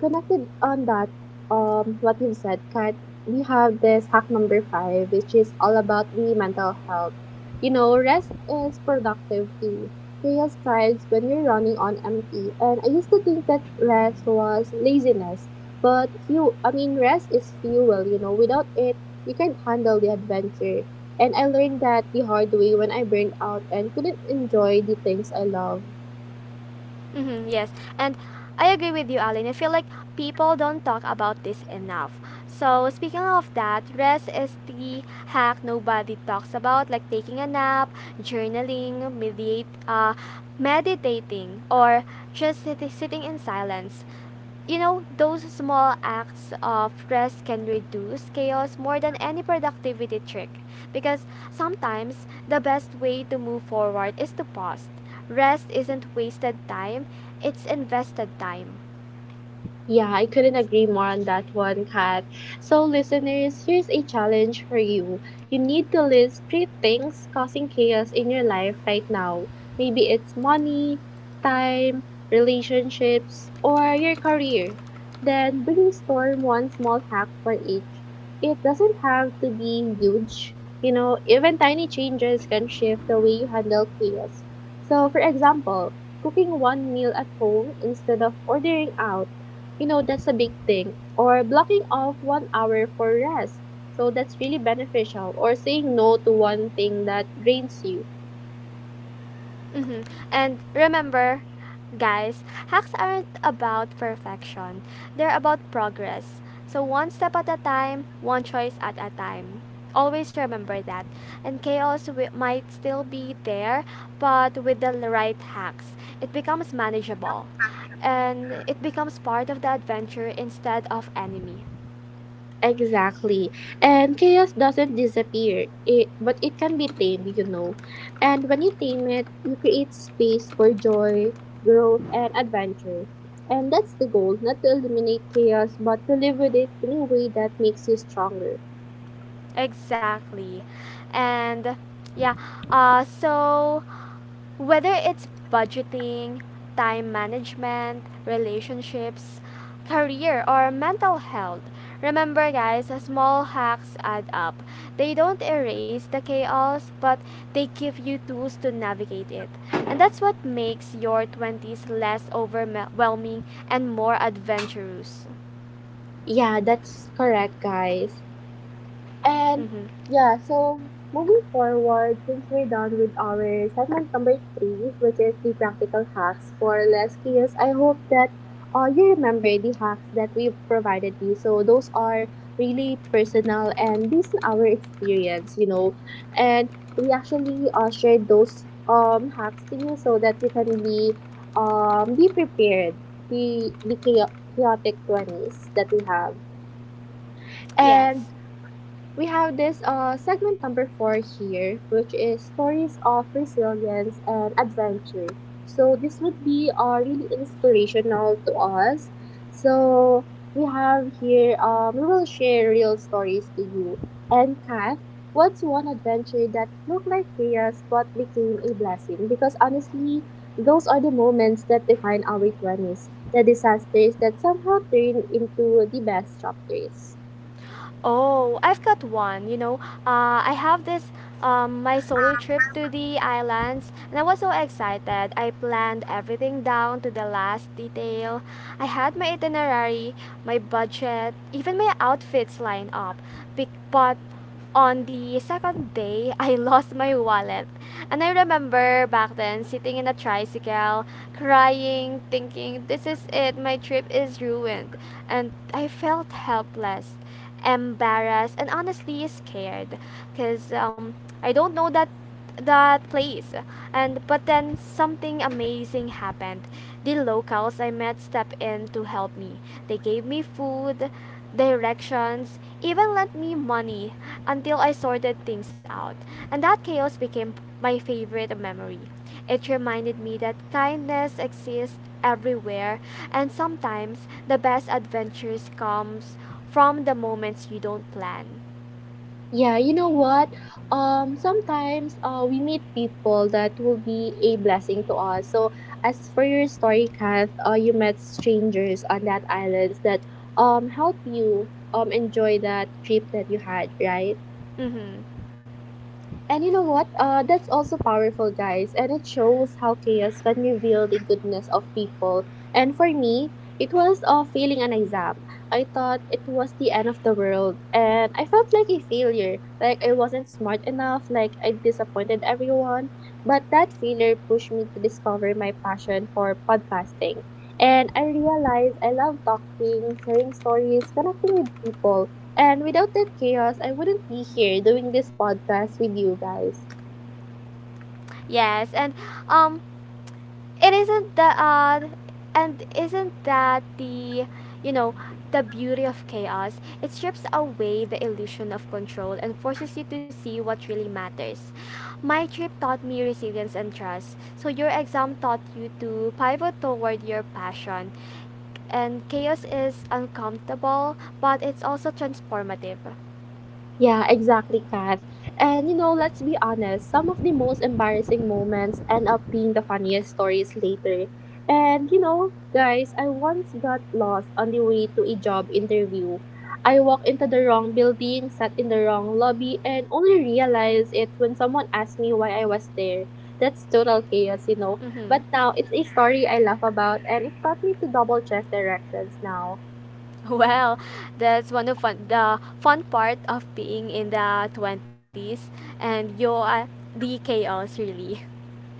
S1: Connected on that, what you've said, Kat, we have this hack number five, which is all about the mental health. You know, rest is productive too. Chaos thrives when you're running on empty. And I used to think that rest was laziness, but I mean, rest is fuel, you know, without it, you can't handle the adventure. And I learned that the hard way when I burned out and couldn't enjoy the things I love.
S2: Mm-hmm, yes. And I agree with you, Alan. I feel like people don't talk about this enough. So, speaking of that, rest is the hack nobody talks about, like taking a nap, journaling, meditating, or just sitting in silence. You know, those small acts of rest can reduce chaos more than any productivity trick, because sometimes the best way to move forward is to pause. Rest isn't wasted time, it's invested time.
S1: Yeah, I couldn't agree more on that one, Kat. So, listeners, here's a challenge for you. You need to list three things causing chaos in your life right now. Maybe it's money, time, relationships, or your career. Then brainstorm one small hack for each. It doesn't have to be huge. You know, even tiny changes can shift the way you handle chaos. So, for example, cooking one meal at home instead of ordering out you know, that's a big thing. Or blocking off 1 hour for rest. So that's really beneficial. Or saying no to one thing that drains you.
S2: Hmm. And remember, guys, hacks aren't about perfection. They're about progress. So one step at a time, one choice at a time. Always remember that. And chaos might still be there, but with the right hacks, it becomes manageable. And it becomes part of the adventure instead of enemy.
S1: Exactly. And chaos doesn't disappear, but it can be tamed, you know. And when you tame it, you create space for joy, growth, and adventure. And that's the goal not to eliminate chaos, but to live with it in a way that makes you stronger.
S2: Exactly. And yeah, uh, so whether it's budgeting, time management, relationships, career, or mental health, remember, guys, small hacks add up. They don't erase the chaos, but they give you tools to navigate it. And that's what makes your 20s less overwhelming and more adventurous.
S1: Yeah, that's correct, guys. And
S2: Hmm.
S1: yeah, so moving forward, since we're done with our segment number three, which is the practical hacks for less chaos, I hope that you remember the hacks that we've provided you. So those are really personal and based on our experience, you know. And we actually shared those hacks to you so that you can be prepared the chaotic 20s that we have.
S2: Yes.
S1: And we have this segment number four here, which is stories of resilience and adventure. So this would be really inspirational to us. So we have here, we will share real stories to you. And Kath, what's one adventure that looked like chaos but became a blessing? Because honestly, those are the moments that define our 20s, the disasters that somehow turn into the best chapters.
S2: Oh, I've got one. You know, I have this my solo trip to the islands, and I was so excited. I planned everything down to the last detail. I had my itinerary, my budget, even my outfits lined up. But on the second day, I lost my wallet. And I remember back then sitting in a tricycle, crying, thinking, this is it, my trip is ruined. And I felt helpless, embarrassed, and honestly scared because I don't know that place, and but then something amazing happened. The locals I met stepped in to help me. They gave me food, directions, even lent me money until I sorted things out. And that chaos became my favorite memory. It reminded me that kindness exists everywhere, and sometimes the best adventures comes from the moments you don't plan.
S1: Yeah, you know what? Sometimes we meet people that will be a blessing to us. So, as for your story, Kath, you met strangers on that island that help you enjoy that trip that you had, right?
S2: Hmm.
S1: And you know what? That's also powerful, guys. And it shows how chaos can reveal the goodness of people. And for me, it was failing an exam. I thought it was the end of the world. And I felt like a failure. Like I wasn't smart enough. Like I disappointed everyone. But that failure pushed me to discover my passion for podcasting. And I realized I love talking, sharing stories, connecting with people. And without that chaos, I wouldn't be here doing this podcast with you guys.
S2: Yes, and um It isn't the and isn't that the you know the beauty of chaos? It strips away the illusion of control and forces you to see what really matters. My trip taught me resilience and trust. So your exam taught you to pivot toward your passion. And chaos is uncomfortable, but it's also transformative.
S1: Yeah, exactly, Kath. And you know, let's be honest, some of the most embarrassing moments end up being the funniest stories later. And you know, guys, I once got lost on the way to a job interview. I walked into the wrong building, sat in the wrong lobby, and only realized it when someone asked me why I was there. That's total chaos, you know.
S2: Mm-hmm.
S1: But now it's a story I laugh about, and it taught me to double check directions now.
S2: Well, that's the fun part of being in the 20s, and you are the chaos really.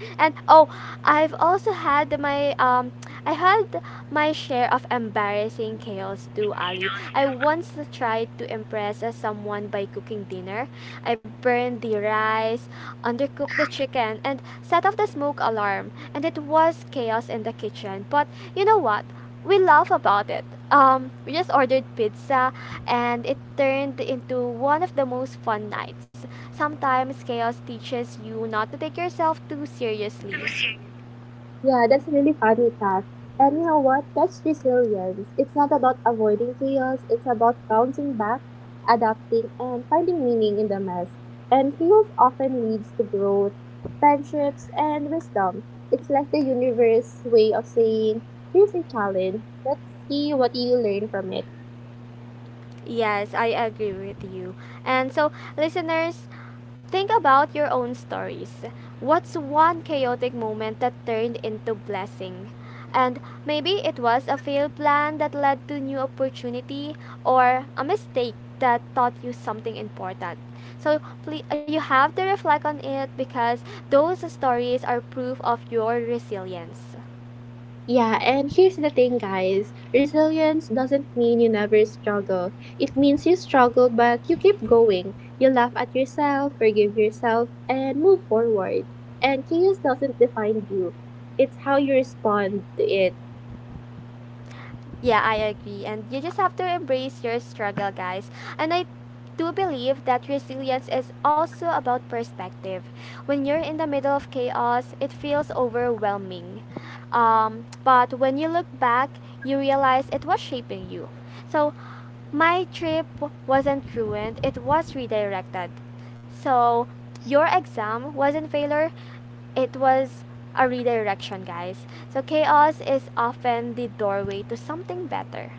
S2: And oh, I've also had my share of embarrassing chaos too, Ali. I once tried to impress someone by cooking dinner. I burned the rice, undercooked the chicken, and set off the smoke alarm. And it was chaos in the kitchen. But you know what? We laugh about it. We just ordered pizza, and it turned into one of the most fun nights. Sometimes chaos teaches you not to take yourself too seriously.
S1: Yeah, that's really funny, Kat. And you know what? That's resilience. It's not about avoiding chaos, it's about bouncing back, adapting, and finding meaning in the mess. And chaos often leads to growth, friendships, and wisdom. It's like the universe way of saying, here's a challenge. Let's see what you learn from it.
S2: Yes, I agree with you. And so, listeners, think about your own stories. What's one chaotic moment that turned into blessing? And maybe it was a failed plan that led to new opportunity, or a mistake that taught you something important. So please, you have to reflect on it, because those stories are proof of your resilience.
S1: Yeah, and here's the thing, guys. Resilience doesn't mean you never struggle. It means you struggle, but you keep going. You laugh at yourself, forgive yourself, and move forward. And chaos doesn't define you, it's how you respond to it.
S2: Yeah, I agree. And you just have to embrace your struggle, guys. And I do believe that resilience is also about perspective. When you're in the middle of chaos, it feels overwhelming. But when you look back, you realize it was shaping you. So my trip wasn't ruined, it was redirected. So your exam wasn't failure, it was a redirection, guys. So chaos is often the doorway to something better.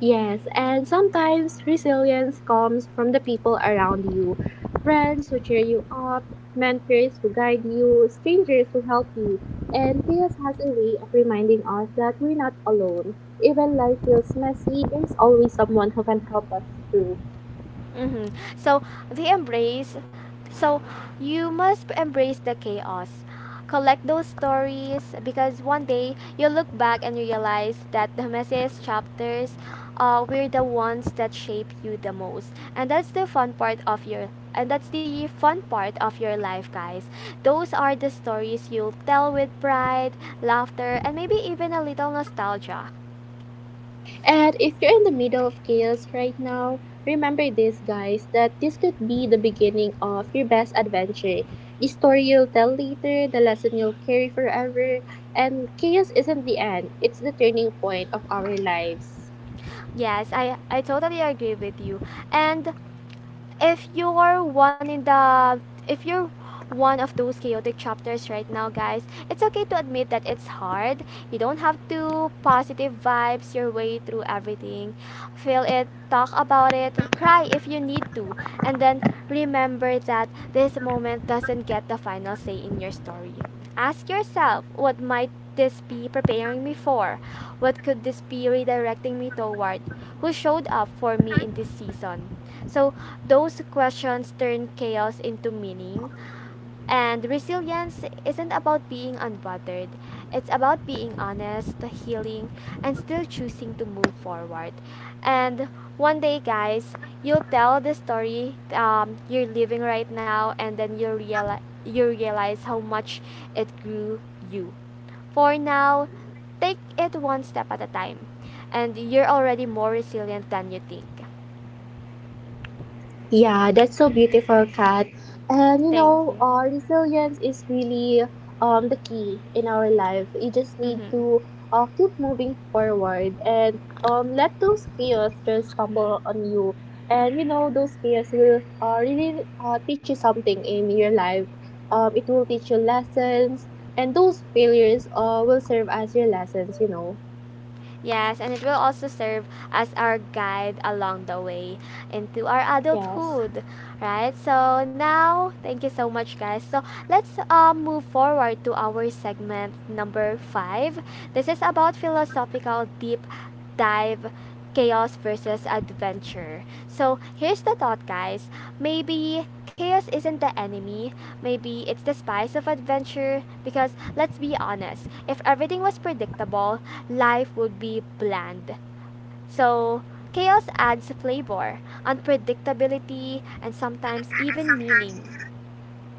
S1: Yes, and sometimes resilience comes from the people around you, friends who cheer you up, mentors who guide you, strangers who help you. And chaos has a way of reminding us that we're not alone. Even life feels messy, there's always someone who can help us through.
S2: Hmm. So the embrace. So you must embrace the chaos. Collect those stories, because one day you look back and realize that the messiest chapters were the ones that shape you the most. And that's the fun part of your life, guys. Those are the stories you'll tell with pride, laughter, and maybe even a little nostalgia.
S1: And if you're in the middle of chaos right now, remember this, guys, that this could be the beginning of your best adventure. The story you'll tell later, the lesson you'll carry forever, and chaos isn't the end, it's the turning point of our lives.
S2: Yes, I totally agree with you. And if you're one in the if you're one of those chaotic chapters right now, guys, it's okay to admit that it's hard. You don't have to positive vibes your way through everything. Feel it, talk about it, cry if you need to, and then remember that this moment doesn't get the final say in your story. Ask yourself, what might this be preparing me for? What could this be redirecting me toward? Who showed up for me in this season? So those questions turn chaos into meaning, and resilience isn't about being unbothered, it's about being honest, healing, and still choosing to move forward. And one day, guys, you'll tell the story you're living right now, and then you realize how much it grew you. For now, take it one step at a time, and you're already more resilient than you think.
S1: Yeah, that's so beautiful, Kat. And you
S2: Thank you.
S1: know, resilience is really the key in our life. You just need
S2: Mm-hmm.
S1: to keep moving forward and let those chaos just stumble on you. And you know, those chaos will really teach you something in your life. It will teach you lessons, and those failures will serve as your lessons, you know.
S2: Yes, and it will also serve as our guide along the way into our
S1: Yes.
S2: adulthood, right? So now, thank you so much, guys. So let's move forward to our segment number five. This is about philosophical deep dive chaos versus adventure. So here's the thought, guys. Maybe chaos isn't the enemy, maybe it's the spice of adventure. Because let's be honest, if everything was predictable, life would be bland. So chaos adds flavor, unpredictability, and sometimes even meaning.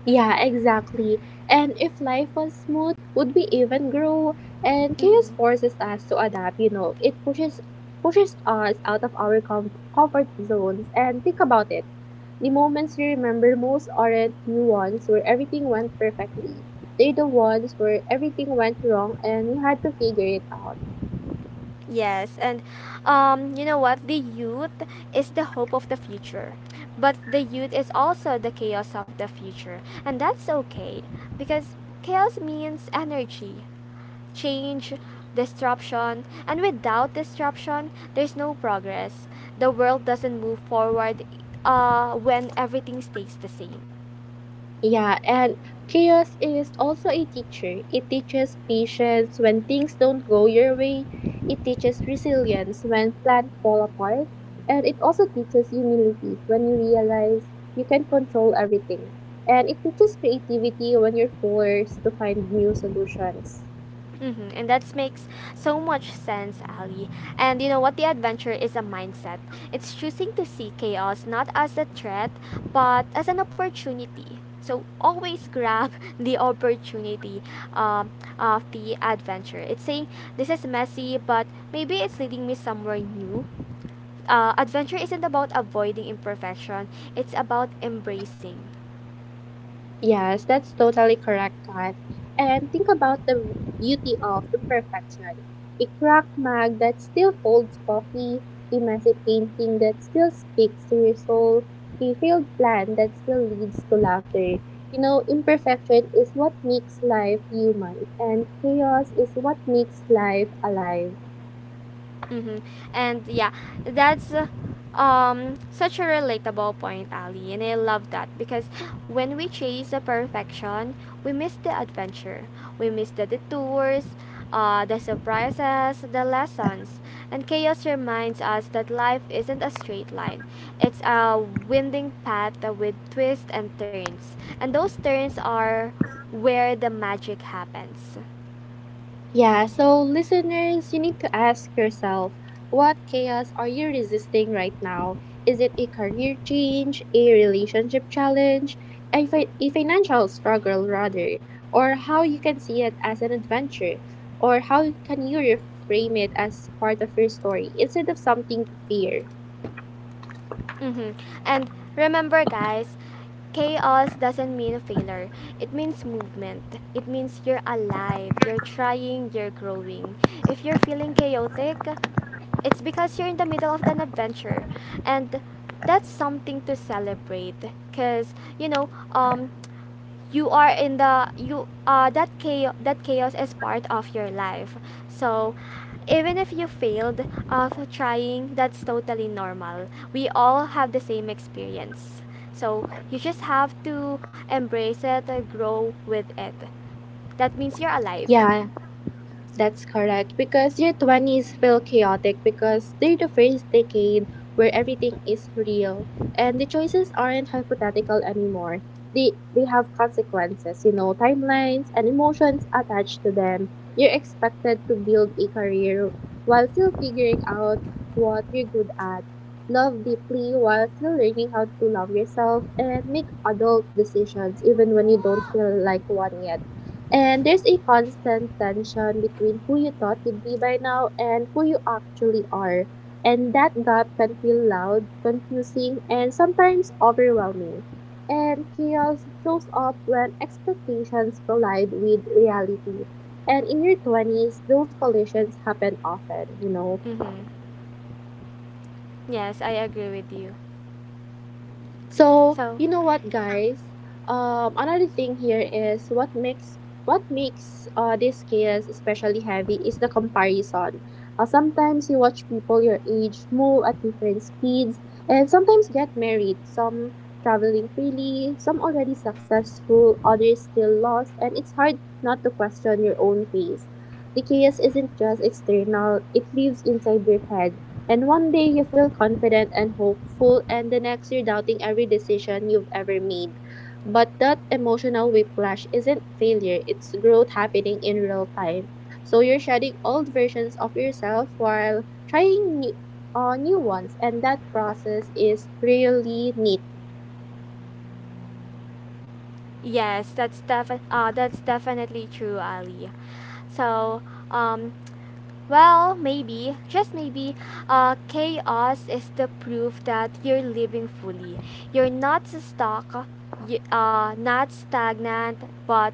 S1: Yeah, exactly. And if life was smooth, would we even grow? And chaos
S2: Mhm.
S1: forces us to adapt, you know. It pushes us out of our comfort zones. And think about it. The moments you remember most aren't the ones where everything went perfectly. They're the ones where everything went wrong and you had to figure it out.
S2: Yes, and you know what? The youth is the hope of the future, but the youth is also the chaos of the future, and that's okay, because chaos means energy, change, disruption, and without disruption, there's no progress. The world doesn't move forward when everything stays the same.
S1: Yeah, and chaos is also a teacher. It teaches patience when things don't go your way. It teaches resilience when plans fall apart. And it also teaches humility when you realize you can control everything. And it teaches creativity when you're forced to find new solutions.
S2: Mm-hmm. And that makes so much sense, Ali. And you know what? The adventure is a mindset. It's choosing to see chaos not as a threat, but as an opportunity. So always grab the opportunity um, of the adventure. It's saying, this is messy, but maybe it's leading me somewhere new. Adventure isn't about avoiding imperfection, it's about embracing.
S1: Yes, that's totally correct, Kath. And think about the beauty of imperfection. A cracked mug that still holds coffee, a messy painting that still speaks to your soul, a failed plan that still leads to laughter. You know, imperfection is what makes life human, and chaos is what makes life alive.
S2: Mm-hmm. And yeah, that's such a relatable point, Ali, and I love that, because when we chase the perfection, we miss the adventure, we miss the detours, the surprises, the lessons, and chaos reminds us that life isn't a straight line. It's a winding path with twists and turns, and those turns are where the magic happens.
S1: Yeah, so listeners, you need to ask yourself, what chaos are you resisting right now? Is it a career change, a relationship challenge, a, a financial struggle, rather? Or how you can see it as an adventure? Or how can you reframe it as part of your story instead of something to fear?
S2: Mm-hmm. And remember, guys, chaos doesn't mean failure. It means movement. It means you're alive, you're trying, you're growing. If you're feeling chaotic, it's because you're in the middle of an adventure. And that's something to celebrate, because um you are in the you that chaos is part of your life. So even if you failed of trying, that's totally normal. We all have the same experience. So you just have to embrace it, grow with it. That means you're alive.
S1: Yeah, that's correct, because your 20s feel chaotic because they're the first decade where everything is real and the choices aren't hypothetical anymore. They have consequences, you know, timelines and emotions attached to them. You're expected to build a career while still figuring out what you're good at, love deeply while still learning how to love yourself and make adult decisions even when you don't feel like one yet. And there's a constant tension between who you thought you'd be by now and who you actually are. And that gap can feel loud, confusing, and sometimes overwhelming. And chaos shows up when expectations collide with reality. And in your 20s, those collisions happen often, you know.
S2: Mm-hmm. Yes, I agree with you.
S1: So
S2: So
S1: you know what, guys? Another thing here is what makes what makes these chaos especially heavy is the comparison. Sometimes you watch people your age move at different speeds, and sometimes get married. Some traveling freely, some already successful, others still lost, and it's hard not to question your own pace. The chaos isn't just external; it lives inside your head, and one day you feel confident and hopeful, and the next you're doubting every decision you've ever made. But that emotional whiplash isn't failure, it's growth happening in real time. So you're shedding old versions of yourself while trying new, new ones, and that process is really neat.
S2: yes, that's definitely true, Ali. So um well, maybe, just maybe, chaos is the proof that you're living fully. You're not stuck, not stagnant, but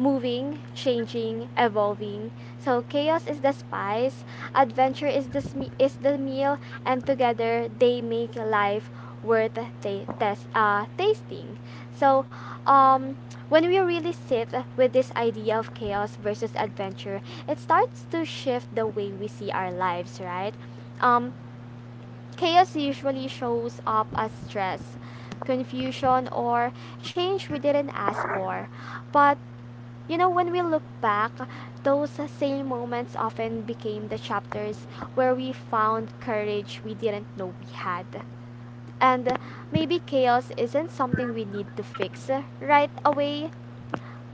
S2: moving, changing, evolving. So chaos is the spice, adventure is the meal, and together they make life worth ta- test tasting. So um when we really sit with this idea of chaos versus adventure, it starts to shift the way we see our lives, right? Um Chaos usually shows up as stress, confusion, or change we didn't ask for. But you know, when we look back, those same moments often became the chapters where we found courage we didn't know we had. And maybe chaos isn't something we need to fix right away,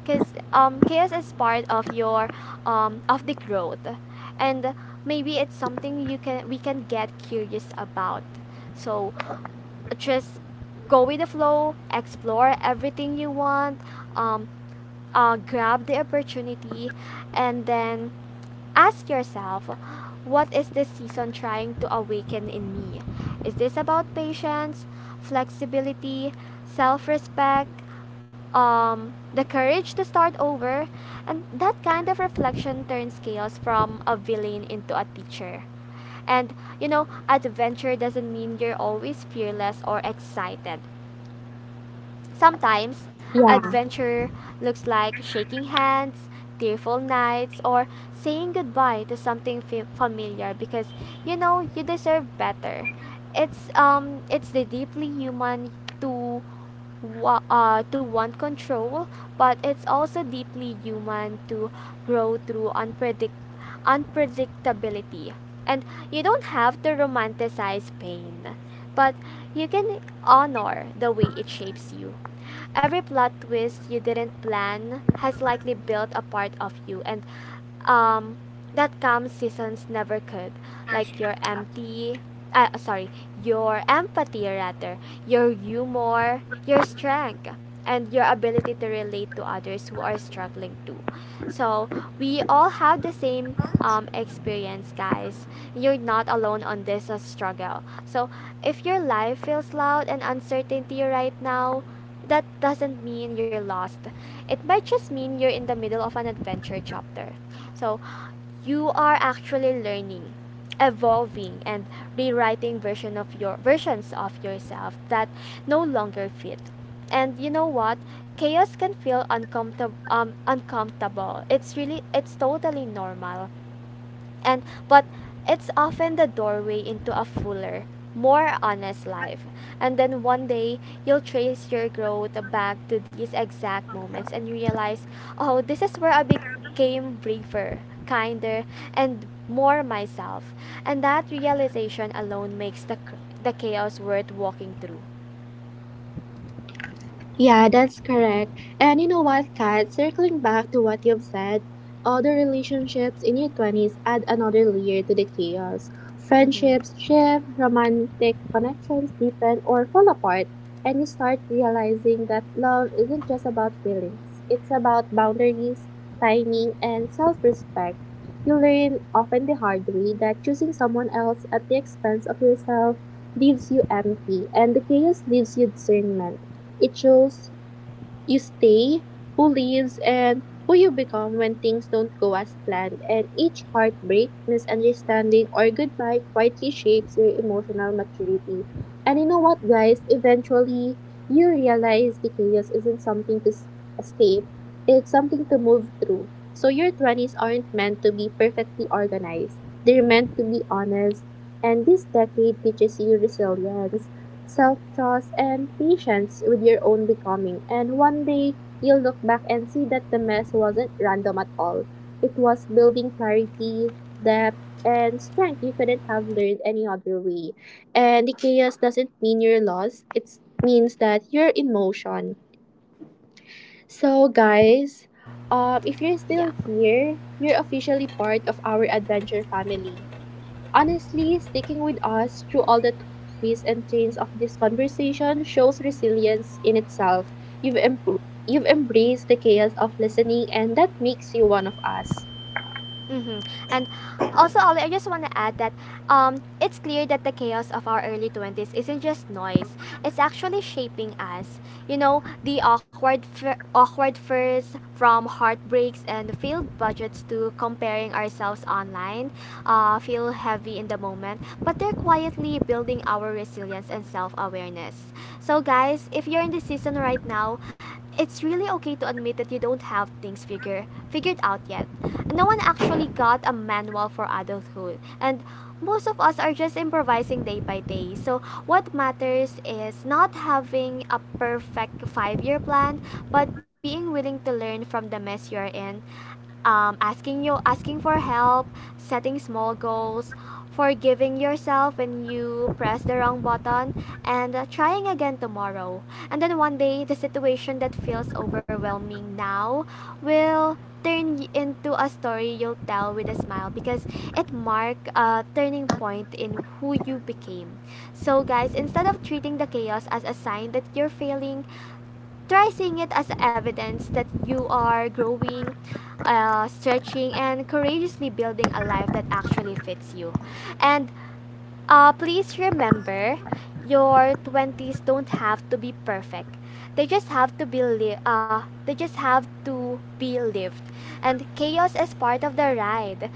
S2: because chaos is part of your of the growth, and maybe it's something you can we can get curious about. So just go with the flow, explore everything you want, um, grab the opportunity, and then ask yourself, what is this season trying to awaken in me? Is this about patience, flexibility, self respect, the courage to start over? And that kind of reflection turns chaos from a villain into a teacher. And you know, adventure doesn't mean you're always fearless or excited. Sometimes,
S1: Yeah.
S2: adventure looks like shaking hands, tearful nights, or saying goodbye to something familiar, because you know you deserve better. It's the deeply human to to want control, but it's also deeply human to grow through unpredictability. And you don't have to romanticize pain, but you can honor the way it shapes you. Every plot twist you didn't plan has likely built a part of you, and um, that calm seasons never could. Like your empty, sorry, your empathy rather, your humor, your strength, and your ability to relate to others who are struggling too. So we all have the same experience, guys. You're not alone on this struggle. So if your life feels loud and uncertainty right now, that doesn't mean you're lost. It might just mean you're in the middle of an adventure chapter. So you are actually learning, evolving, and rewriting version of your versions of yourself that no longer fit. And you know what? Chaos can feel uncomfortable. It's totally normal, and but it's often the doorway into a fuller, more honest life. And then one day you'll trace your growth back to these exact moments and realize, oh, this is where I became braver, kinder, and more myself. And that realization alone makes the chaos worth walking through.
S1: Yeah, that's correct. And you know what, Kat? Circling back to what you've said, other relationships in your 20s add another layer to the chaos. Friendships
S2: Mm-hmm.
S1: shift, romantic connections deepen or fall apart, and you start realizing that love isn't just about feelings, it's about boundaries, timing, and self respect. You learn, often the hard way, that choosing someone else at the expense of yourself leaves you empty, and the chaos leaves you discernment. It shows you stay, who leaves, and who you become when things don't go as planned. And each heartbreak, misunderstanding, or goodbye quietly shapes your emotional maturity. And you know what, guys? Eventually, you realize the chaos isn't something to escape, it's something to move through. So, your 20s aren't meant to be perfectly organized, they're meant to be honest. And this decade teaches you resilience, self trust, and patience with your own becoming. And one day, you'll look back and see that the mess wasn't random at all. It was building clarity, depth, and strength you couldn't have learned any other way. And the chaos doesn't mean you're lost, it means that you're in motion. So, guys, if you're
S2: Yeah.
S1: still here, you're officially part of our adventure family. Honestly, sticking with us through all the twists and turns of this conversation shows resilience in itself. You've, em- you've embraced the chaos of listening, and that makes you one of us.
S2: Mm-hmm. And also, Ollie, I just want to add that it's clear that the chaos of our early 20s isn't just noise. It's actually shaping us. You know, the awkward first, from heartbreaks and failed budgets to comparing ourselves online mind feel heavy in the moment, but they're quietly building our resilience and self awareness. So, guys, if you're in this season right now, it's really okay to admit that you don't have things figured out yet. No one actually got a manual for adulthood, and most of us are just improvising day by day. So what matters is not having a perfect 5-year plan, but being willing to learn from the mess you're in, asking for help, setting small goals, forgiving yourself when you press the wrong button, and trying again tomorrow. And then one day the situation that feels overwhelming now will turn into a story you'll tell with a smile, because it marked a turning point in who you became. So, guys, instead of treating the chaos as a sign that you're failing, try seeing it as evidence that you are growing, stretching, and courageously building a life that actually fits you. And please remember, your 20s don't have to be perfect. They just have to be li- they just have to be lived. And chaos is part of the ride.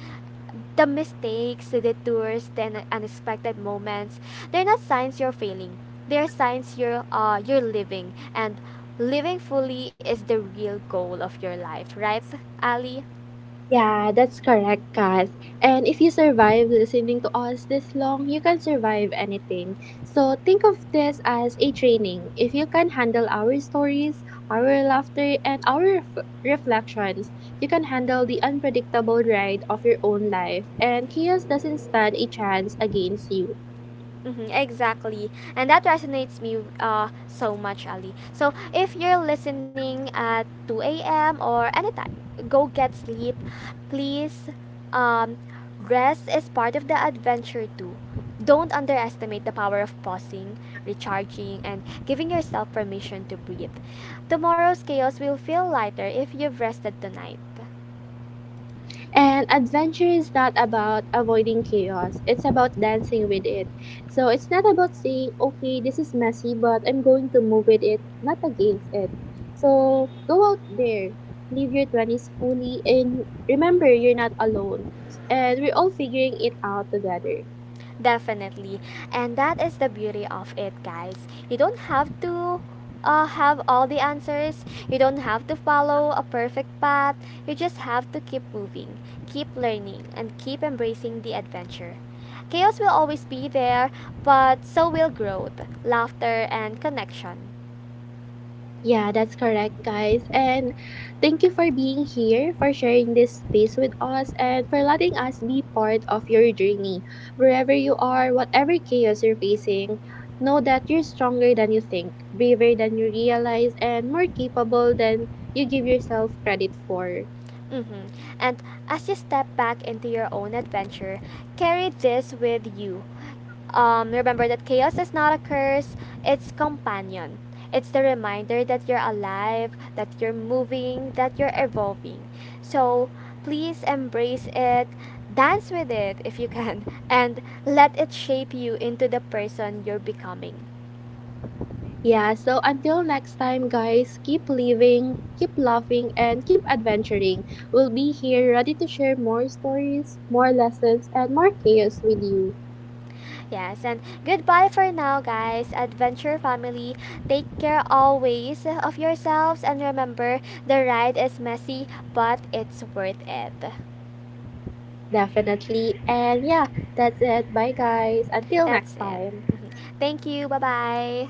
S2: The mistakes, the detours, the unexpected moments, they're not signs you're failing. They're signs you're living, and living fully is the real goal of your life, right, Ali?
S1: Yeah, that's correct, Kath. And if you survive listening to us this long, you can survive anything. So think of this as a training. If you can handle our stories, our laughter, and our reflections, you can handle the unpredictable ride of your own life, and chaos doesn't stand a chance against you.
S2: Mm-hmm, exactly. And that resonates me so much, Ali. So if you're listening at 2 a.m. or anytime, go get sleep. Please, um, rest is part of the adventure too. Don't underestimate the power of pausing, recharging, and giving yourself permission to breathe. Tomorrow's chaos will feel lighter if you've rested tonight.
S1: And adventure is not about avoiding chaos, it's about dancing with it. So it's not about saying, okay, this is messy, but I'm going to move with it, not against it. So go out there, live your 20s fully, and remember you're not alone. And we're all figuring it out together.
S2: Definitely. And that is the beauty of it, guys. You don't have to have all the answers. You don't have to follow a perfect path. You just have to keep moving, keep learning, and keep embracing the adventure. Chaos will always be there, but so will growth, laughter, and connection.
S1: Yeah, that's correct, guys. And thank you for being here, for sharing this space with us, and for letting us be part of your journey. Wherever you are, whatever chaos you're facing, know that you're stronger than you think, braver than you realize, and more capable than you give yourself credit for.
S2: Hmm. And as you step back into your own adventure, carry this with you. Remember that chaos is not a curse, it's companion. It's the reminder that you're alive, that you're moving, that you're evolving. So please embrace it, dance with it if you can, and let it shape you into the person you're becoming.
S1: Yeah, so until next time, guys, keep living, keep laughing, and keep adventuring. We'll be here ready to share more stories, more lessons, and more chaos with you.
S2: Yes, and goodbye for now, guys. Adventure family, take care always of yourselves, and remember, the ride is messy, but it's worth it.
S1: Definitely. And yeah, that's it. Bye, guys. Until
S2: That's
S1: next
S2: it.
S1: time.
S2: Mhm. Thank you. Bye bye.